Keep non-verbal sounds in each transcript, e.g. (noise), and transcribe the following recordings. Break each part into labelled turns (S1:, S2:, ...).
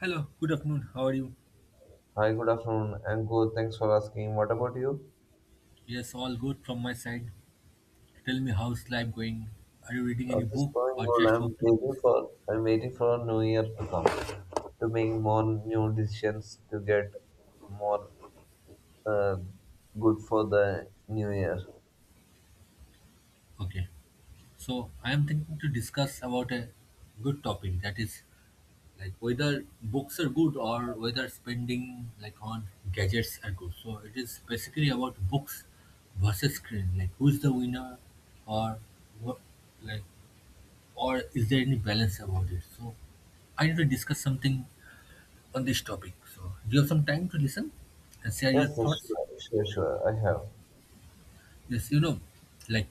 S1: Hello, good afternoon. How are you?
S2: Hi, good afternoon. I'm good. Thanks for asking. What about you?
S1: Yes, all good from my side. Tell me, how's life going? Are you reading any
S2: Life is
S1: book
S2: going
S1: or
S2: good.
S1: just
S2: I'm
S1: watching
S2: waiting
S1: movies?
S2: for I'm waiting for a new year to come to make more new decisions to get more uh, good for the new year.
S1: Okay. So I am thinking to discuss about a good topic, that is whether books are good or whether spending on gadgets are good. So it is basically about books versus screen. Who's the winner or what like or is there any balance about it? So I need to discuss something on this topic. So, do you have some time to listen and share your
S2: Yes, yes,
S1: thoughts?
S2: sure, sure, sure. I have.
S1: Yes, like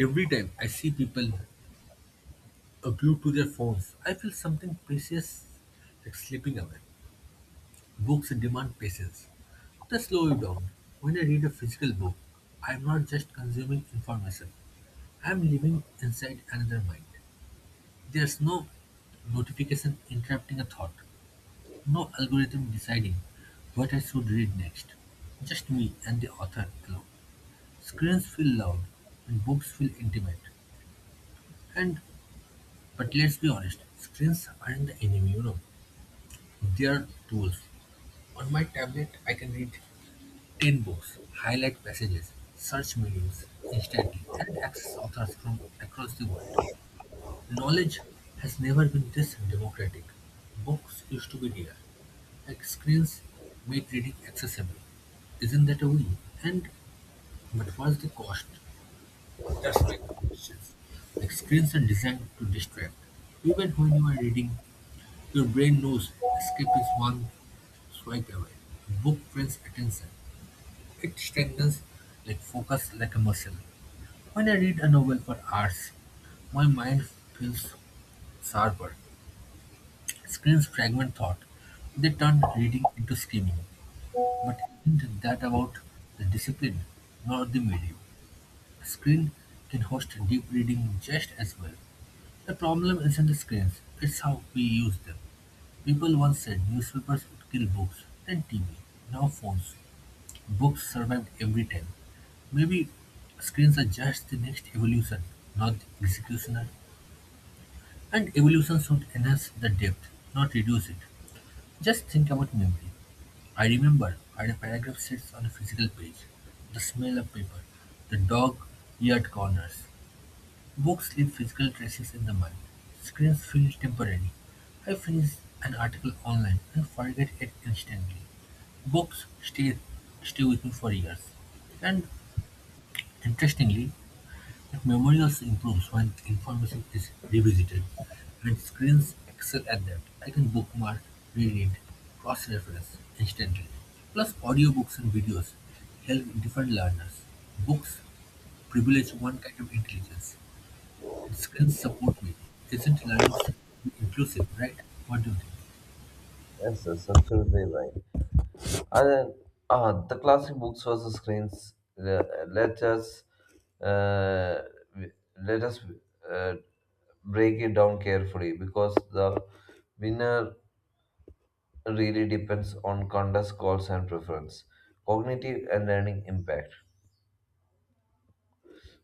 S1: every time I see people glued to their phones, I feel something precious slipping away. Books demand patience. They slow you down. When I read a physical book, I am not just consuming information, I am living inside another mind. There's no notification interrupting a thought, no algorithm deciding what I should read next. Just me and the author alone. Screens feel loud and books feel intimate. And but let's be honest, screens aren't the enemy, you know. They're tools. On my tablet I can read 10 books, highlight passages, search meanings instantly, and access authors from across the world. Knowledge has never been this democratic. Books used to be rare. Screens made reading accessible. Isn't that a win? And but what's the cost? That's my conscience. Screens are designed to distract. Even when you are reading, your brain knows escape is one swipe away. Book trains attention. It strengthens focus like a muscle. When I read a novel for hours, my mind feels sharper. Screens fragment thought. They turn reading into screaming. But isn't that about the discipline, not the medium? A screen can host deep reading just as well. The problem isn't the screens, it's how we use them. People once said newspapers would kill books, then TV, now phones. Books survived every time. Maybe screens are just the next evolution, not the executioner. And evolution should enhance the depth, not reduce it. Just think about memory. I remember how a paragraph sits on a physical page, the smell of paper, the dog eared corners. Books leave physical traces in the mind; screens feel temporary. I finish an article online and forget it instantly. Books stay with me for years. And interestingly, that memory also improves when information is revisited, and screens excel at that. I can bookmark, reread, cross reference instantly. Plus, audiobooks and videos help different learners. Books privilege one kind of intelligence, screens support me. Isn't learning supposed to be inclusive, right? What do you think?
S2: Yes, yes, absolutely right. And then, the classic books versus screens. Uh, let us uh, w- let us uh, break it down carefully because the winner really depends on context, goals, and preference. Cognitive and learning impact.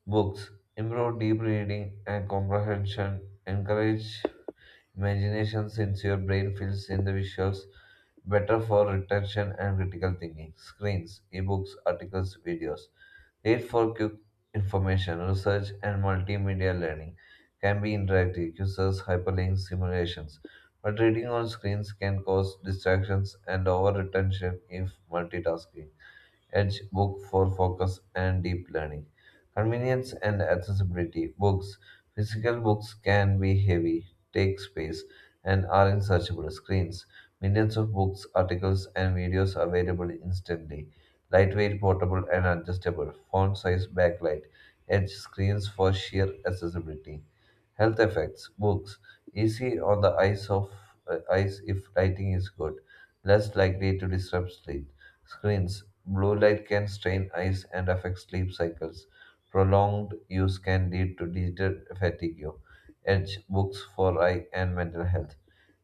S2: Books improve deep reading and comprehension, encourage imagination since your brain fills in the visuals, better for retention and critical thinking. Screens, ebooks, articles, videos. Read for quick information, research, and multimedia learning can be interactive, uses hyperlinks, simulations. But reading on screens can cause distractions and over retention if multitasking. Edge Book for focus and deep learning. Convenience and accessibility. Books. Physical books can be heavy, take space, and are in searchable screens. Millions of books, articles, and videos available instantly. Lightweight, portable, and adjustable. Font size, backlight. Edge screens for sheer accessibility. Health effects. Books. Easy on the eyes if lighting is good. Less likely to disrupt sleep. Screens. Blue light can strain eyes and affect sleep cycles. Prolonged use can lead to digital fatigue. Edge books for eye and mental health.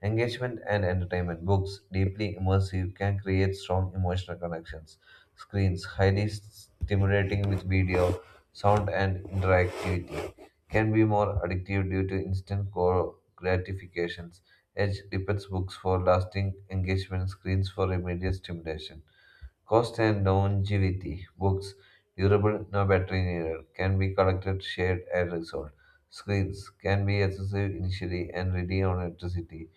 S2: Engagement and entertainment. Books, deeply immersive, can create strong emotional connections. Screens, highly stimulating with video, sound, and interactivity, can be more addictive due to instant core gratifications. Edge depends books for lasting engagement, screens for immediate stimulation. Cost and longevity. Books, durable, no battery needed, can be collected, shared, and resold. Screens can be accessible initially and ready on electricity.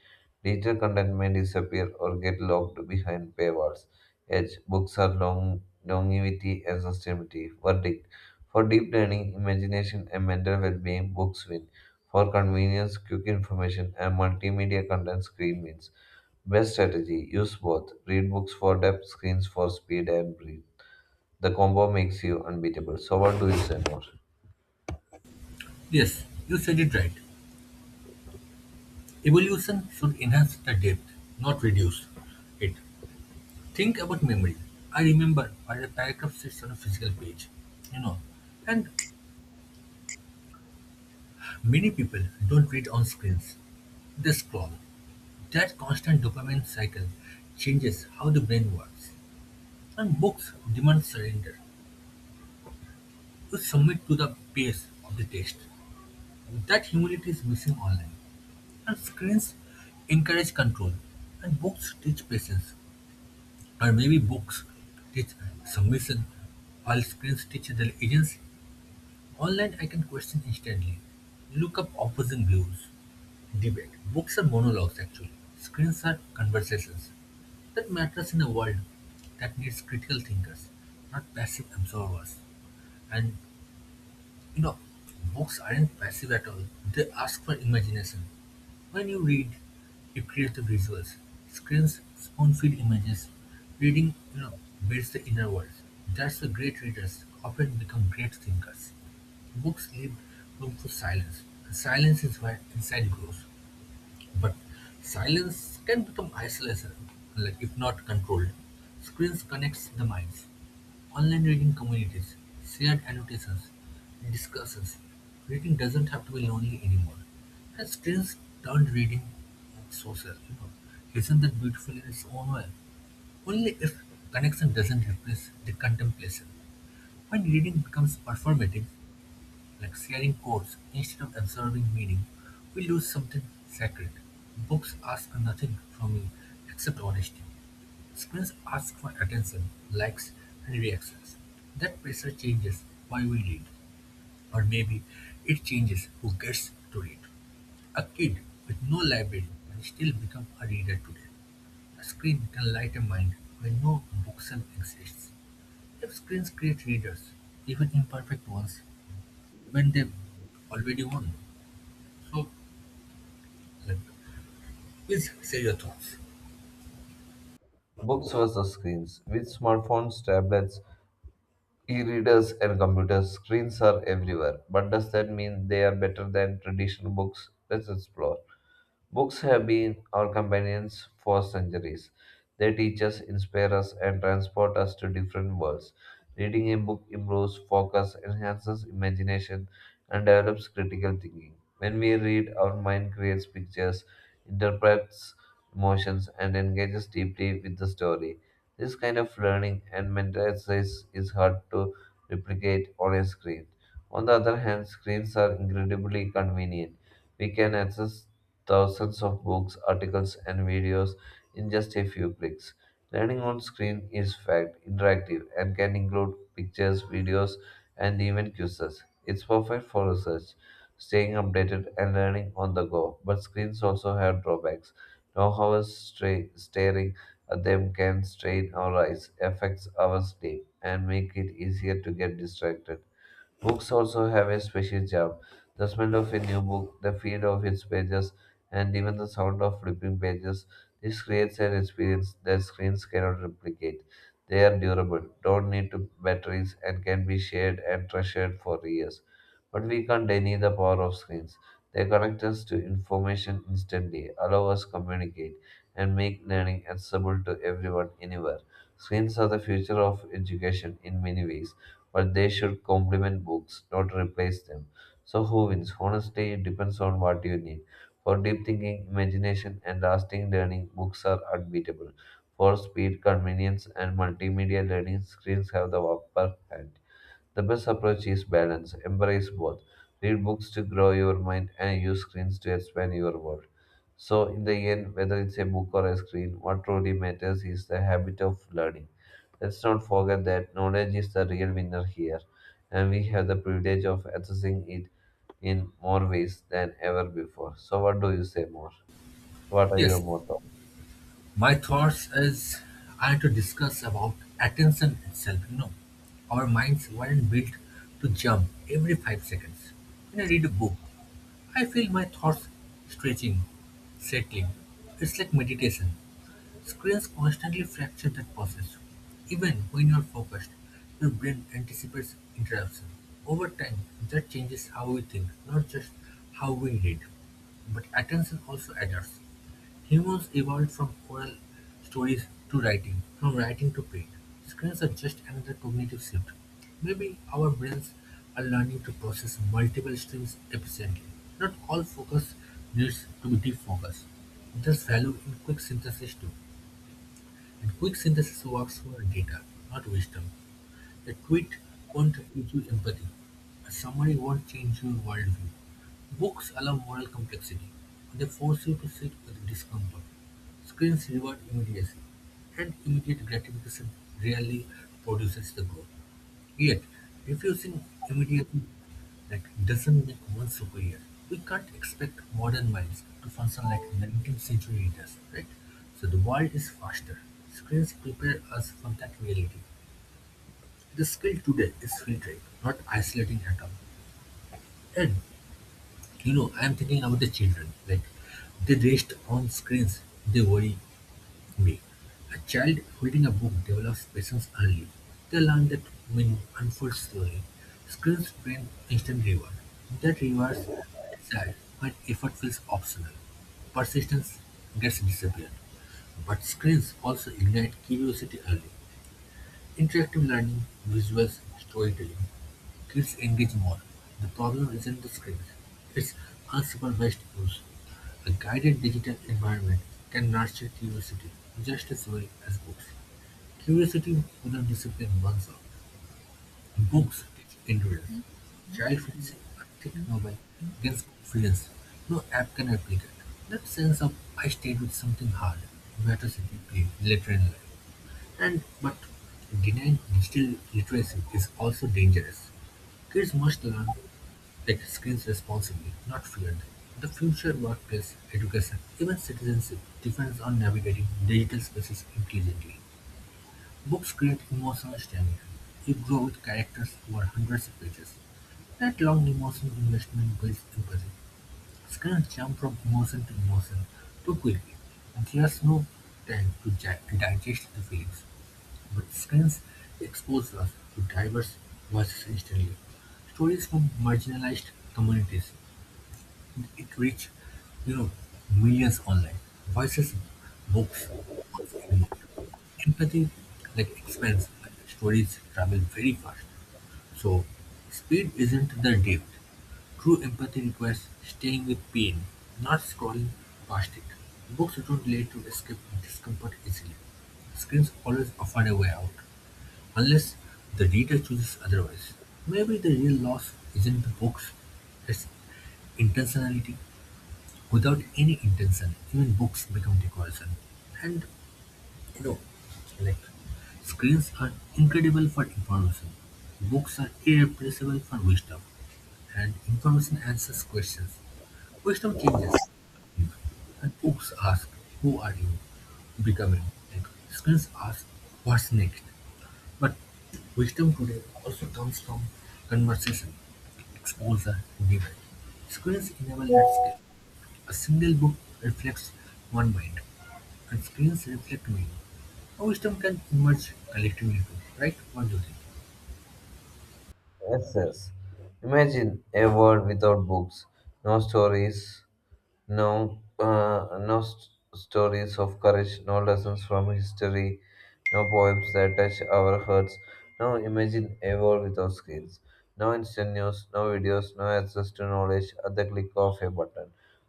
S2: Digital content may disappear or get locked behind paywalls. Edge, books are longevity and sustainability. Verdict. For deep learning, imagination, and mental well-being, books win. For convenience, quick information, and multimedia content, screen wins. Best strategy use both. Read books for depth, screens for speed and breathe. The combo makes you unbeatable. So, what do you say more?
S1: Yes, you said it right. Evolution should enhance the depth, not reduce it. Think about memory. I remember where a paragraph sits on a physical page, you know. And many people don't read on screens, they scroll. That constant dopamine cycle changes how the brain works. And books demand surrender. You submit to the pace of the text. That humility is missing online. And screens encourage control, and books teach patience. Or maybe books teach submission, while screens teach their agency. Online, I can question instantly, look up opposing views, debate. Books are monologues, actually. Screens are conversations. That matters in a world that needs critical thinkers, not passive absorbers. And you know, books aren't passive at all. They ask for imagination. When you read, you create the visuals. Screens spoon-feed images. Reading builds the inner world. That's why great readers often become great thinkers. Books leave room for silence, and silence is where insight grows. But silence can become isolation, if not controlled. Screens connects the minds. Online reading communities, shared annotations, discussions. Reading doesn't have to be lonely anymore. And screens turned reading social. Isn't that beautiful in its own way? Only if connection doesn't replace the contemplation. When reading becomes performative, sharing codes instead of absorbing meaning, we lose something sacred. Books ask nothing from me except honesty. Screens ask for attention, likes, and reactions. That pressure changes why we read, or maybe it changes who gets to read. A kid with no library can still become a reader today. A screen can light a mind when no bookshelf exists. If screens create readers, even imperfect ones, when they already won. So, like, please share your thoughts.
S2: Books versus screens. With smartphones, tablets, e readers, and computers, screens are everywhere. But does that mean they are better than traditional books? Let's explore. Books have been our companions for centuries. They teach us, inspire us, and transport us to different worlds. Reading a book improves focus, enhances imagination, and develops critical thinking. When we read, our mind creates pictures, interprets emotions, and engages deeply with the story. This kind of learning and mental exercise is hard to replicate on a screen. On the other hand, screens are incredibly convenient we can access thousands of books, articles, and videos in just a few clicks. Learning on screen is fact interactive and can include pictures, videos, and even quizzes. It's perfect for research, staying updated, and learning on the go. But screens also have drawbacks. Long hours staring at them can strain our eyes, affects our sleep, and make it easier to get distracted. Books also have a special charm. The smell of a new book, the feel of its pages, and even the sound of flipping pages. This creates an experience that screens cannot replicate. They are durable, don't need to batteries, and can be shared and treasured for years. But we can't deny the power of screens. They connect us to information instantly, allow us communicate, and make learning accessible to everyone anywhere. Screens are the future of education in many ways but they should complement books, not replace them. So, who wins? Honestly, it depends on what you need. For deep thinking, imagination, and lasting learning, books are unbeatable. For speed, convenience, and multimedia learning, screens have the upper hand. The best approach is balance. Embrace both. Read books to grow your mind and use screens to expand your world. So, in the end, whether it's a book or a screen, what truly matters is the habit of learning. Let's not forget that knowledge is the real winner here, and we have the privilege of accessing it in more ways than ever before. So, what do you say more? So, what are your
S1: Yes,
S2: motto?
S1: my thoughts is I had to discuss about attention itself. You know, our minds weren't built to jump every 5 seconds. When I read a book, I feel my thoughts stretching, settling. It's like meditation. Screens constantly fracture that process. Even when you are focused, your brain anticipates interruption. Over time, that changes how we think, not just how we read. But attention also adapts. Humans evolved from oral stories to writing, from writing to print. Screens are just another cognitive shift. Maybe our brains are learning to process multiple streams efficiently. Not all focus needs to be deep focus. There's value in quick synthesis too, and quick synthesis works for data, not wisdom. A tweet won't teach you empathy. A summary won't change your worldview. Books allow moral complexity. They force you to sit with discomfort. Screens reward immediacy, and immediate gratification rarely produces the growth. Yet, refusing immediately doesn't make one superior. We can't expect modern minds to function like 19th century leaders, right? So the world is faster. Screens prepare us for that reality. The skill today is filtering, not isolating atom. And I'm thinking about the children. They rest on screens, they worry me. A child reading a book develops patience early. They learn that meaning unfolds slowly. Screens bring instant reward. That rewards desire when effort feels optional. Persistence gets disappeared. But screens also ignite curiosity early. Interactive learning, visuals, storytelling. Kids engage more. The problem isn't the script, it's unsupervised use. A guided digital environment can nurture curiosity just as well as books. Curiosity without discipline burns out. Books teach endurance. Child fixing a thick novel gains confidence. No app can replicate. That sense of I stayed with something hard matters if you later in life. And but denying digital literacy is also dangerous. Kids must learn tech skills responsibly, not fear them. The future workplace, education, even citizenship depends on navigating digital spaces intelligently. Books create emotional stamina. You grow with characters over hundreds of pages. That long emotional investment builds empathy. Screens jump from emotion to emotion too quickly. There's no time to digest the feelings. But France exposed us to diverse voices instantly, stories from marginalized communities, it reached, you know, millions online. Voices, books, and empathy expands, but stories travel very fast. So speed isn't the depth. True empathy requires staying with pain, not scrolling past it. Books don't let you escape discomfort easily. Screens always offer a way out. Unless the reader chooses otherwise, maybe the real loss isn't the books, it's intentionality. Without any intention, even books become decoration. And you know, like screens are incredible for information, books are irreplaceable for wisdom, and information answers questions. Wisdom changes, you know, and books ask, "Who are you becoming?" Screens ask, "What's next?" But wisdom today also comes from conversation, exposure, debate. Screens enable that skill. A single book reflects one mind, and screens reflect meaning. A wisdom can emerge collectively too, right? What do you think?
S2: Yes, yes. Imagine a world without books, no No, uh, no s- stories of courage, no lessons from history, no poems that touch our hearts, no imagine a world without screens, no instant news, no videos, no access to knowledge at the click of a button.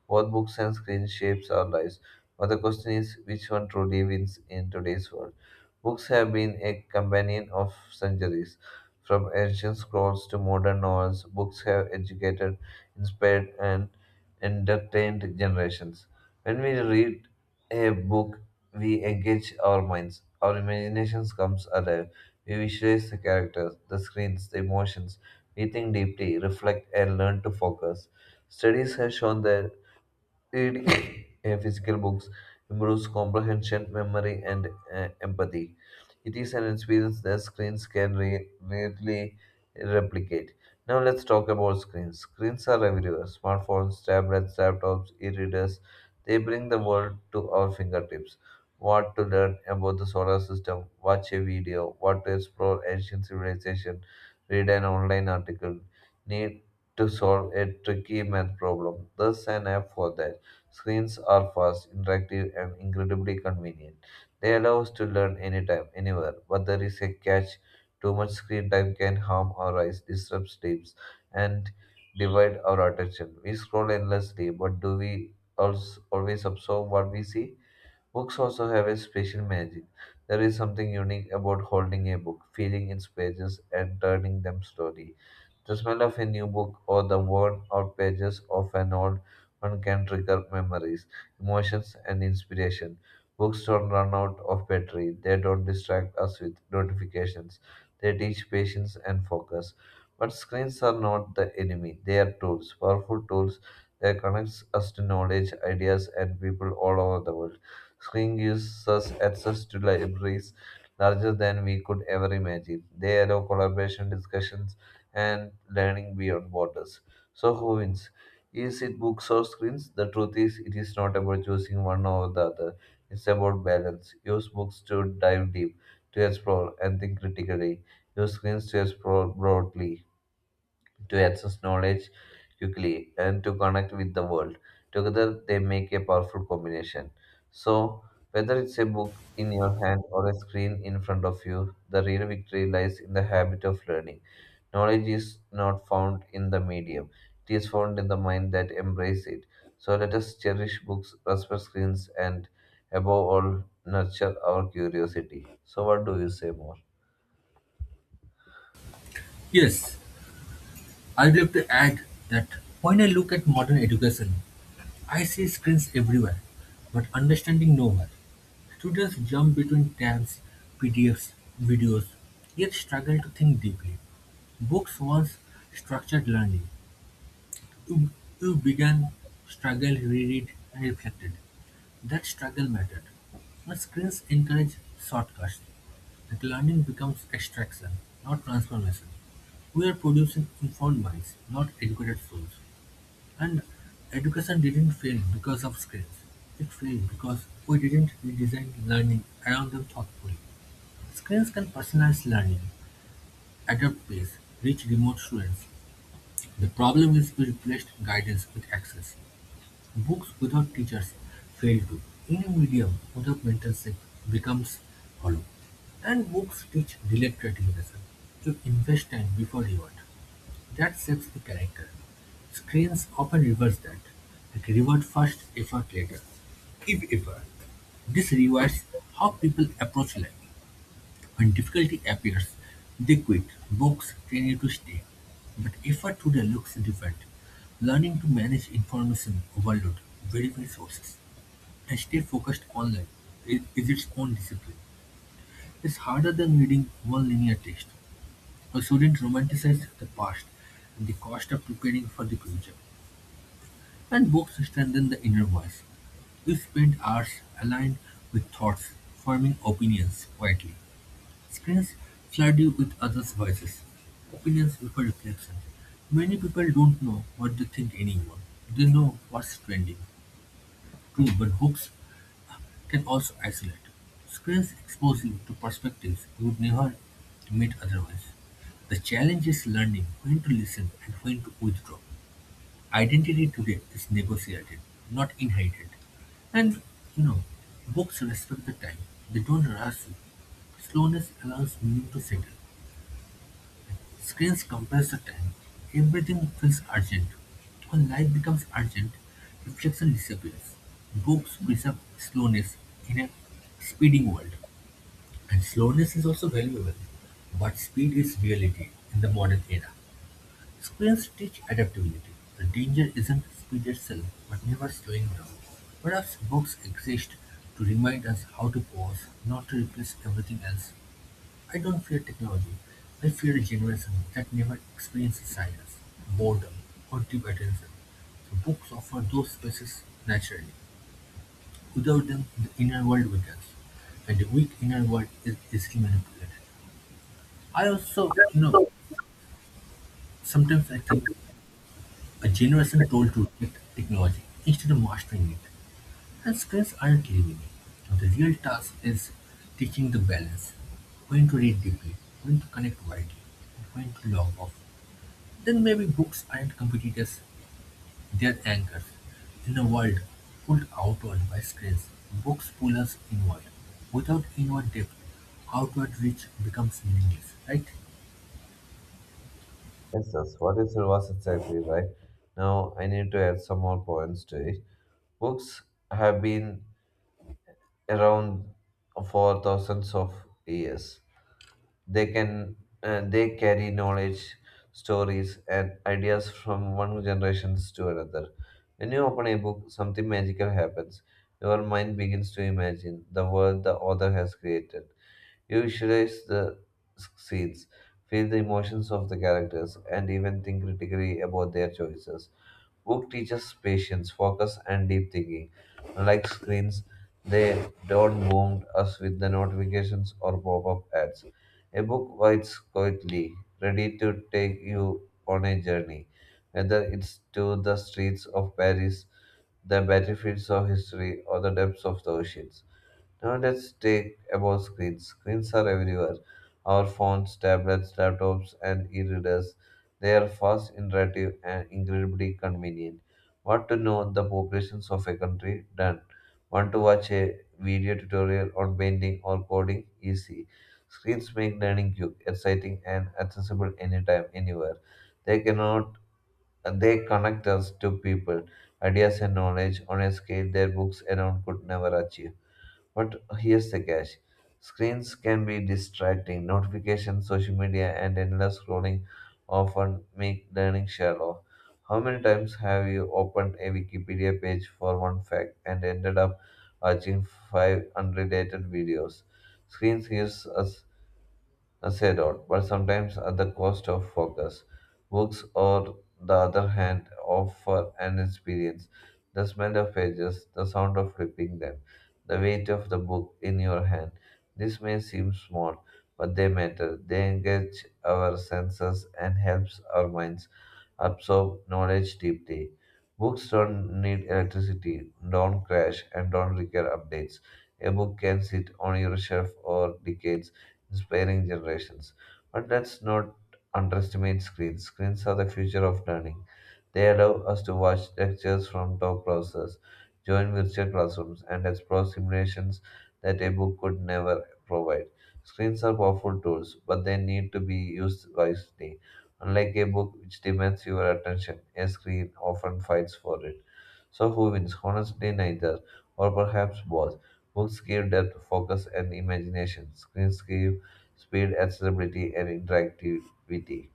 S2: Both books and screen shapes our lives, but the question is which one truly wins in today's world? Books have been a companion of centuries. From ancient scrolls to modern novels, books have educated inspired and entertained generations. When we read a book, we engage our minds. Our imaginations comes alive. We visualize the characters, the screens, the emotions. We think deeply, reflect, and learn to focus. Studies have shown that Reading (coughs) physical books improves comprehension, memory, and empathy. It is an experience that screens can rarely replicate. Now let's talk about screens. Screens are everywhere: smartphones, tablets, laptops, e-readers. They bring the world to our fingertips. What to learn about the solar system? Watch a video. What to explore ancient civilization? Read an online article. Need to solve a tricky math problem. There's an app for that. Screens are fast, interactive, and incredibly convenient. They allow us to learn anytime, anywhere, but there is a catch. Too much screen time can harm our eyes, disrupt sleeps, and divide our attention. We scroll endlessly, but do we also always absorb what we see? Books also have a special magic. There is something unique about holding a book, feeling its pages, and turning them slowly. The smell of a new book or the worn out pages of an old one can trigger memories, emotions, and inspiration. Books don't run out of battery, they don't distract us with notifications, they teach patience and focus. But screens are not the enemy, they are tools, powerful tools that connects us to knowledge, ideas, and people all over the world. Screen gives us access to libraries larger than we could ever imagine. They allow collaboration, discussions, and learning beyond borders. So, who wins? Is it books or screens? The truth is, it is not about choosing one over the other. It's about balance. Use books to dive deep, to explore, and think critically. Use screens to explore broadly to access knowledge quickly and to connect with the world. Together, they make a powerful combination. So, whether it's a book in your hand or a screen in front of you, the real victory lies in the habit of learning. Knowledge is not found in the medium, it is found in the mind that embraces it. So, let us cherish books, respect screens, and above all, nurture our curiosity. So, what do you say more?
S1: Yes, I'd like to add that when I look at modern education, I see screens everywhere, but understanding nowhere. Students jump between tabs, PDFs, videos, yet struggle to think deeply. Books once structured learning. You, you began, struggled, reread, and reflected. That struggle mattered. Now screens encourage shortcuts. That learning becomes extraction, not transformation. We are producing informed minds, not educated souls. And education didn't fail because of screens. It failed because we didn't redesign learning around them thoughtfully. Screens can personalize learning, adapt pace, reach remote students. The problem is we replaced guidance with access. Books without teachers fail to. Any medium without mentorship becomes hollow. And books teach delayed gratification. You invest time before reward. That shapes the character. Screens often reverse that. Like reward first, effort later. If ever. This rewires how people approach life. When difficulty appears, they quit; books train you to stay. But effort today looks different. Learning to manage information overload, verify sources, and stay focused online is its own discipline. It's harder than reading one linear text. We shouldn't romanticize the past and the cost of preparing for the future. And books strengthen the inner voice. We spend hours aligned with thoughts, forming opinions quietly. Screens flood you with others' voices, opinions before reflection. Many people don't know what they think anymore. They know what's trending. True, but hooks can also isolate. Screens expose you to perspectives you would never meet otherwise. The challenge is learning when to listen and when to withdraw. Identity today is negotiated, not inherited. And you know, books respect the time. They don't rush you. Slowness allows meaning to settle. Screens compress the time; everything feels urgent. When life becomes urgent, reflection disappears. Books preserve slowness in a speeding world. And slowness is also valuable, but speed is reality in the modern era. Screens teach adaptability. The danger isn't speed itself, but never slowing down. Perhaps books exist to remind us how to pause, not to replace everything else. I don't fear technology, I fear a generation that never experiences silence, boredom, or deep attention. The books offer those spaces naturally. Without them, the inner world weakens, and the weak inner world is easily manipulated. I also, sometimes I think a generation told to reject technology instead of mastering it, and screens aren't leaving it. Now, the real task is teaching the balance, when to read deeply, when to connect widely, and when to log off. Then maybe books aren't competitors, they're anchors. In a world pulled outward by screens, books pull us inward. Without inward depth, outward reach becomes meaningless, right?
S2: Yes, that's what is was exactly right. Now I need to add some more points to it. Books have been around for thousands of years. They can they carry knowledge, stories, and ideas from one generation to another. When you open a book, something magical happens. Your mind begins to imagine the world the author has created. You visualize the scenes, feel the emotions of the characters, and even think critically about their choices. Book teaches patience, focus, and deep thinking. Unlike screens, they don't wound us with the notifications or pop-up ads. A book waits quietly, ready to take you on a journey, whether it's to the streets of Paris, the battlefields of history, or the depths of the oceans. Now let's take about screens. Screens are everywhere. Our phones, tablets, laptops, and e-readers. They are fast, interactive, and incredibly convenient. Want to know the populations of a country? Done. Want to watch a video tutorial on painting or coding? Easy. Screens make learning quick, exciting, and accessible anytime, anywhere. They cannot they connect us to people, ideas, and knowledge on a scale their books alone could never achieve. But here's the catch screens can be distracting. Notifications, social media, and endless scrolling often make learning shallow. How many times have you opened a Wikipedia page for one fact and ended up watching five unrelated videos? Screens gives us as a role, but sometimes at the cost of focus. Books, on the other hand, offer an experience. The smell of pages, the sound of flipping them, the weight of the book in your hand. This may seem small, but they matter. They engage our senses and helps our minds absorb knowledge deeply. Books don't need electricity, don't crash, and don't require updates. A book can sit on your shelf for decades inspiring generations. But let's not underestimate screens. Screens are the future of learning. They allow us to watch lectures from top browsers, join virtual classrooms, and explore simulations that a book could never provide. Screens are powerful tools, but they need to be used wisely. Unlike a book which demands your attention, a screen often fights for it. So, who wins? Honestly, neither, or perhaps both. Books give depth, focus, and imagination. Screens give speed, accessibility, and interactivity.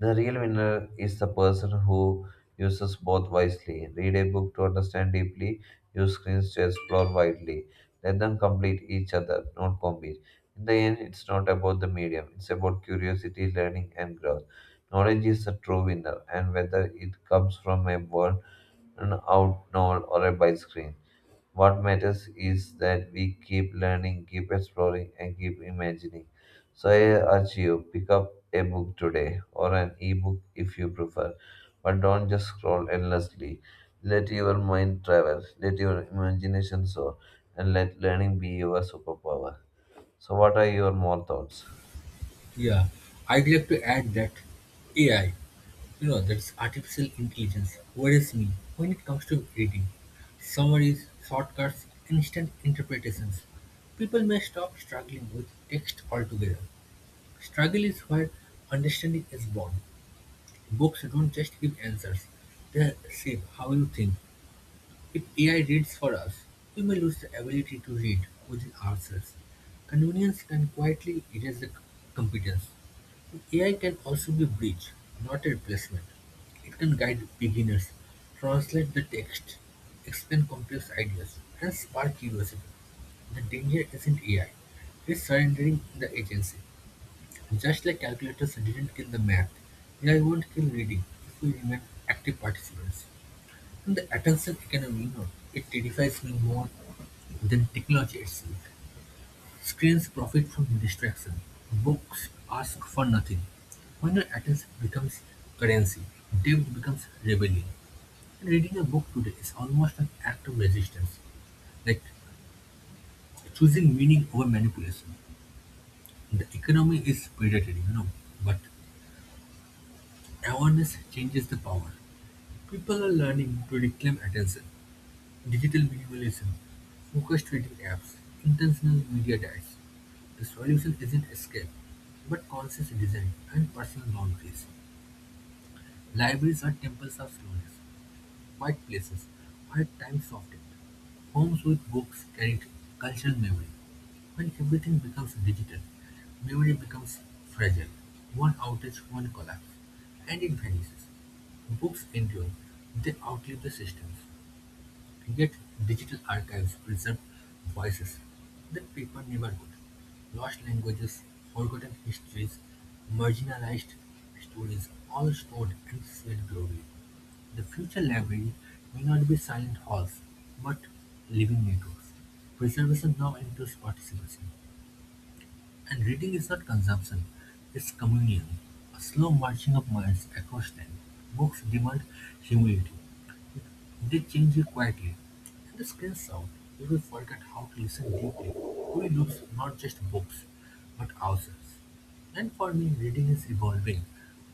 S2: The real winner is the person who uses both wisely. Read a book to understand deeply, use screens to explore widely. Let them complete each other, not compete. In the end, it's not about the medium, it's about curiosity, learning, and growth. Knowledge is the true winner, and whether it comes from a world an out novel or a by screen. What matters is that we keep learning, keep exploring, and keep imagining. So I urge you, pick up a book today or an e-book if you prefer, but don't just scroll endlessly. Let your mind travel, let your imagination soar, and let learning be your superpower. So, what are your more thoughts?
S1: Yeah, I'd like to add that AI, that's artificial intelligence, worries me when it comes to reading. Summaries, shortcuts, instant interpretations. People may stop struggling with text altogether. Struggle is where understanding is born. Books don't just give answers, they shape how you think. If AI reads for us, we may lose the ability to read within ourselves. Convenience can quietly erase the competence. AI can also be a bridge, not a replacement. It can guide beginners, translate the text, explain complex ideas, and spark curiosity. The danger isn't AI, it's surrendering the agency. Just like calculators didn't kill the math, AI won't kill reading if we remain active participants. And the attention economy, it terrifies me more than technology itself. Screens profit from distraction. Books ask for nothing. When your attention becomes currency, depth becomes rebellion. And reading a book today is almost an act of resistance, like choosing meaning over manipulation. The economy is predatory, but awareness changes the power. People are learning to reclaim attention, digital minimalism, focused reading apps, intentional media diets. The solution isn't escape, but conscious design and personal boundaries. Libraries are temples of slowness, quiet places where time softened. Homes with books carried cultural memory. When everything becomes digital, memory becomes fragile. One outage, one collapse, and it vanishes. Books endure, they outlive the systems. Yet digital archives preserve voices that paper never could, lost languages, forgotten histories, marginalized stories, all stored and shared globally. The future library may not be silent halls, but living networks. Preservation now includes participation. And reading is not consumption, it's communion, a slow marching of minds across time. Books demand humility, they change you quietly. In this strange sound, we forget how to listen deeply. We lose not just books, but ourselves. And for me, reading is evolving,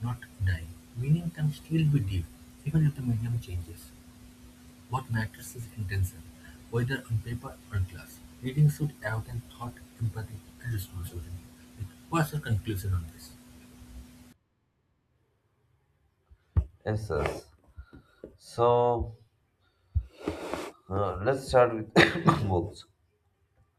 S1: not dying. Meaning can still be deep, even if the medium changes. What matters is intention, whether on paper or in class. Reading should awaken thought, empathy, and responsibility. What's your conclusion on this?
S2: Yes, yes. So let's start with (coughs) books.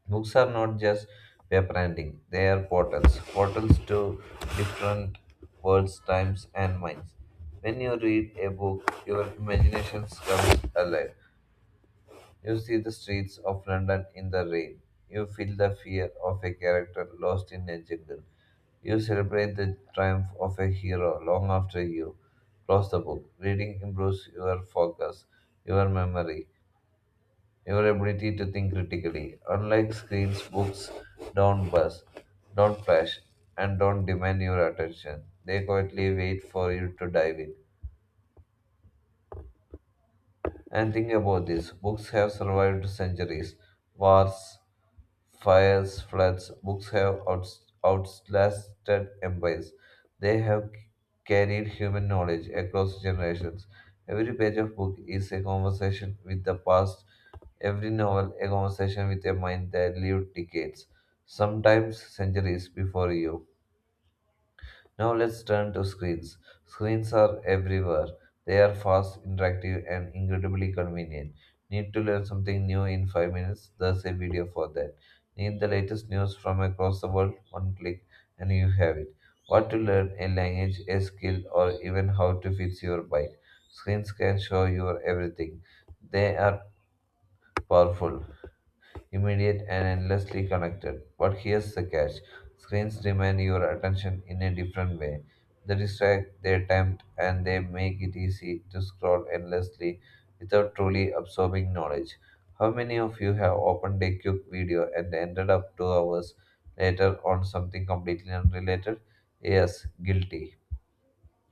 S2: Books are not just web branding, they are portals, portals to different worlds, times, and minds. When you read a book, your imagination comes alive. You see the streets of London in the rain. You feel the fear of a character lost in a jungle. You celebrate the triumph of a hero long after you close the book. Reading improves your focus, your memory, your ability to think critically. Unlike screens, books don't buzz, don't flash, and don't demand your attention. They quietly wait for you to dive in. And think about this books have survived centuries, wars, fires, floods, books have outlasted empires. They have carried human knowledge across generations. Every page of book is a conversation with the past, every novel a conversation with a mind that lived decades, sometimes centuries before you. Now let's turn to screens. Screens are everywhere. They are fast, interactive, and incredibly convenient. Need to learn something new in 5 minutes? There's a video for that. Need the latest news from across the world? One click and you have it. What to learn, a language, a skill, or even how to fix your bike. Screens can show you everything. They are powerful, immediate, and endlessly connected. But here's the catch screens demand your attention in a different way. They distract, they tempt, and they make it easy to scroll endlessly without truly absorbing knowledge. How many of you have opened a quick video and ended up 2 hours later on something completely unrelated? Yes, guilty.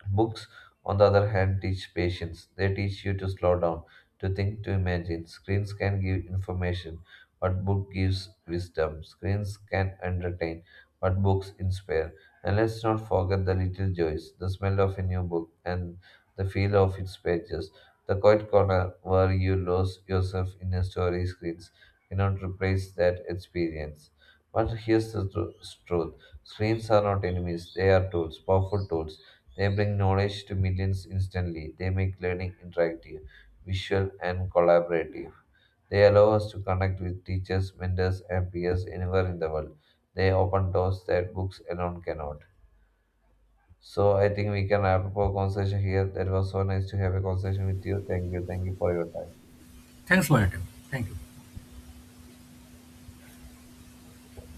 S2: Books, on the other hand, teach patience. They teach you to slow down, to think, to imagine. Screens can give information, but book gives wisdom. Screens can entertain, but books inspire. And let's not forget the little joys, the smell of a new book, and the feel of its pages. The quiet corner where you lose yourself in a story screens cannot replace that experience. But here's the truth. Screens are not enemies, they are tools, powerful tools they bring knowledge to millions instantly. They make learning interactive, visual, and collaborative. They allow us to connect with teachers, mentors, and peers anywhere in the world. They open doors that books alone cannot. So I think we can wrap up our conversation here. That was so nice to have a conversation with you. Thank you. Thank you for your time.
S1: Thanks for your time. Thank you.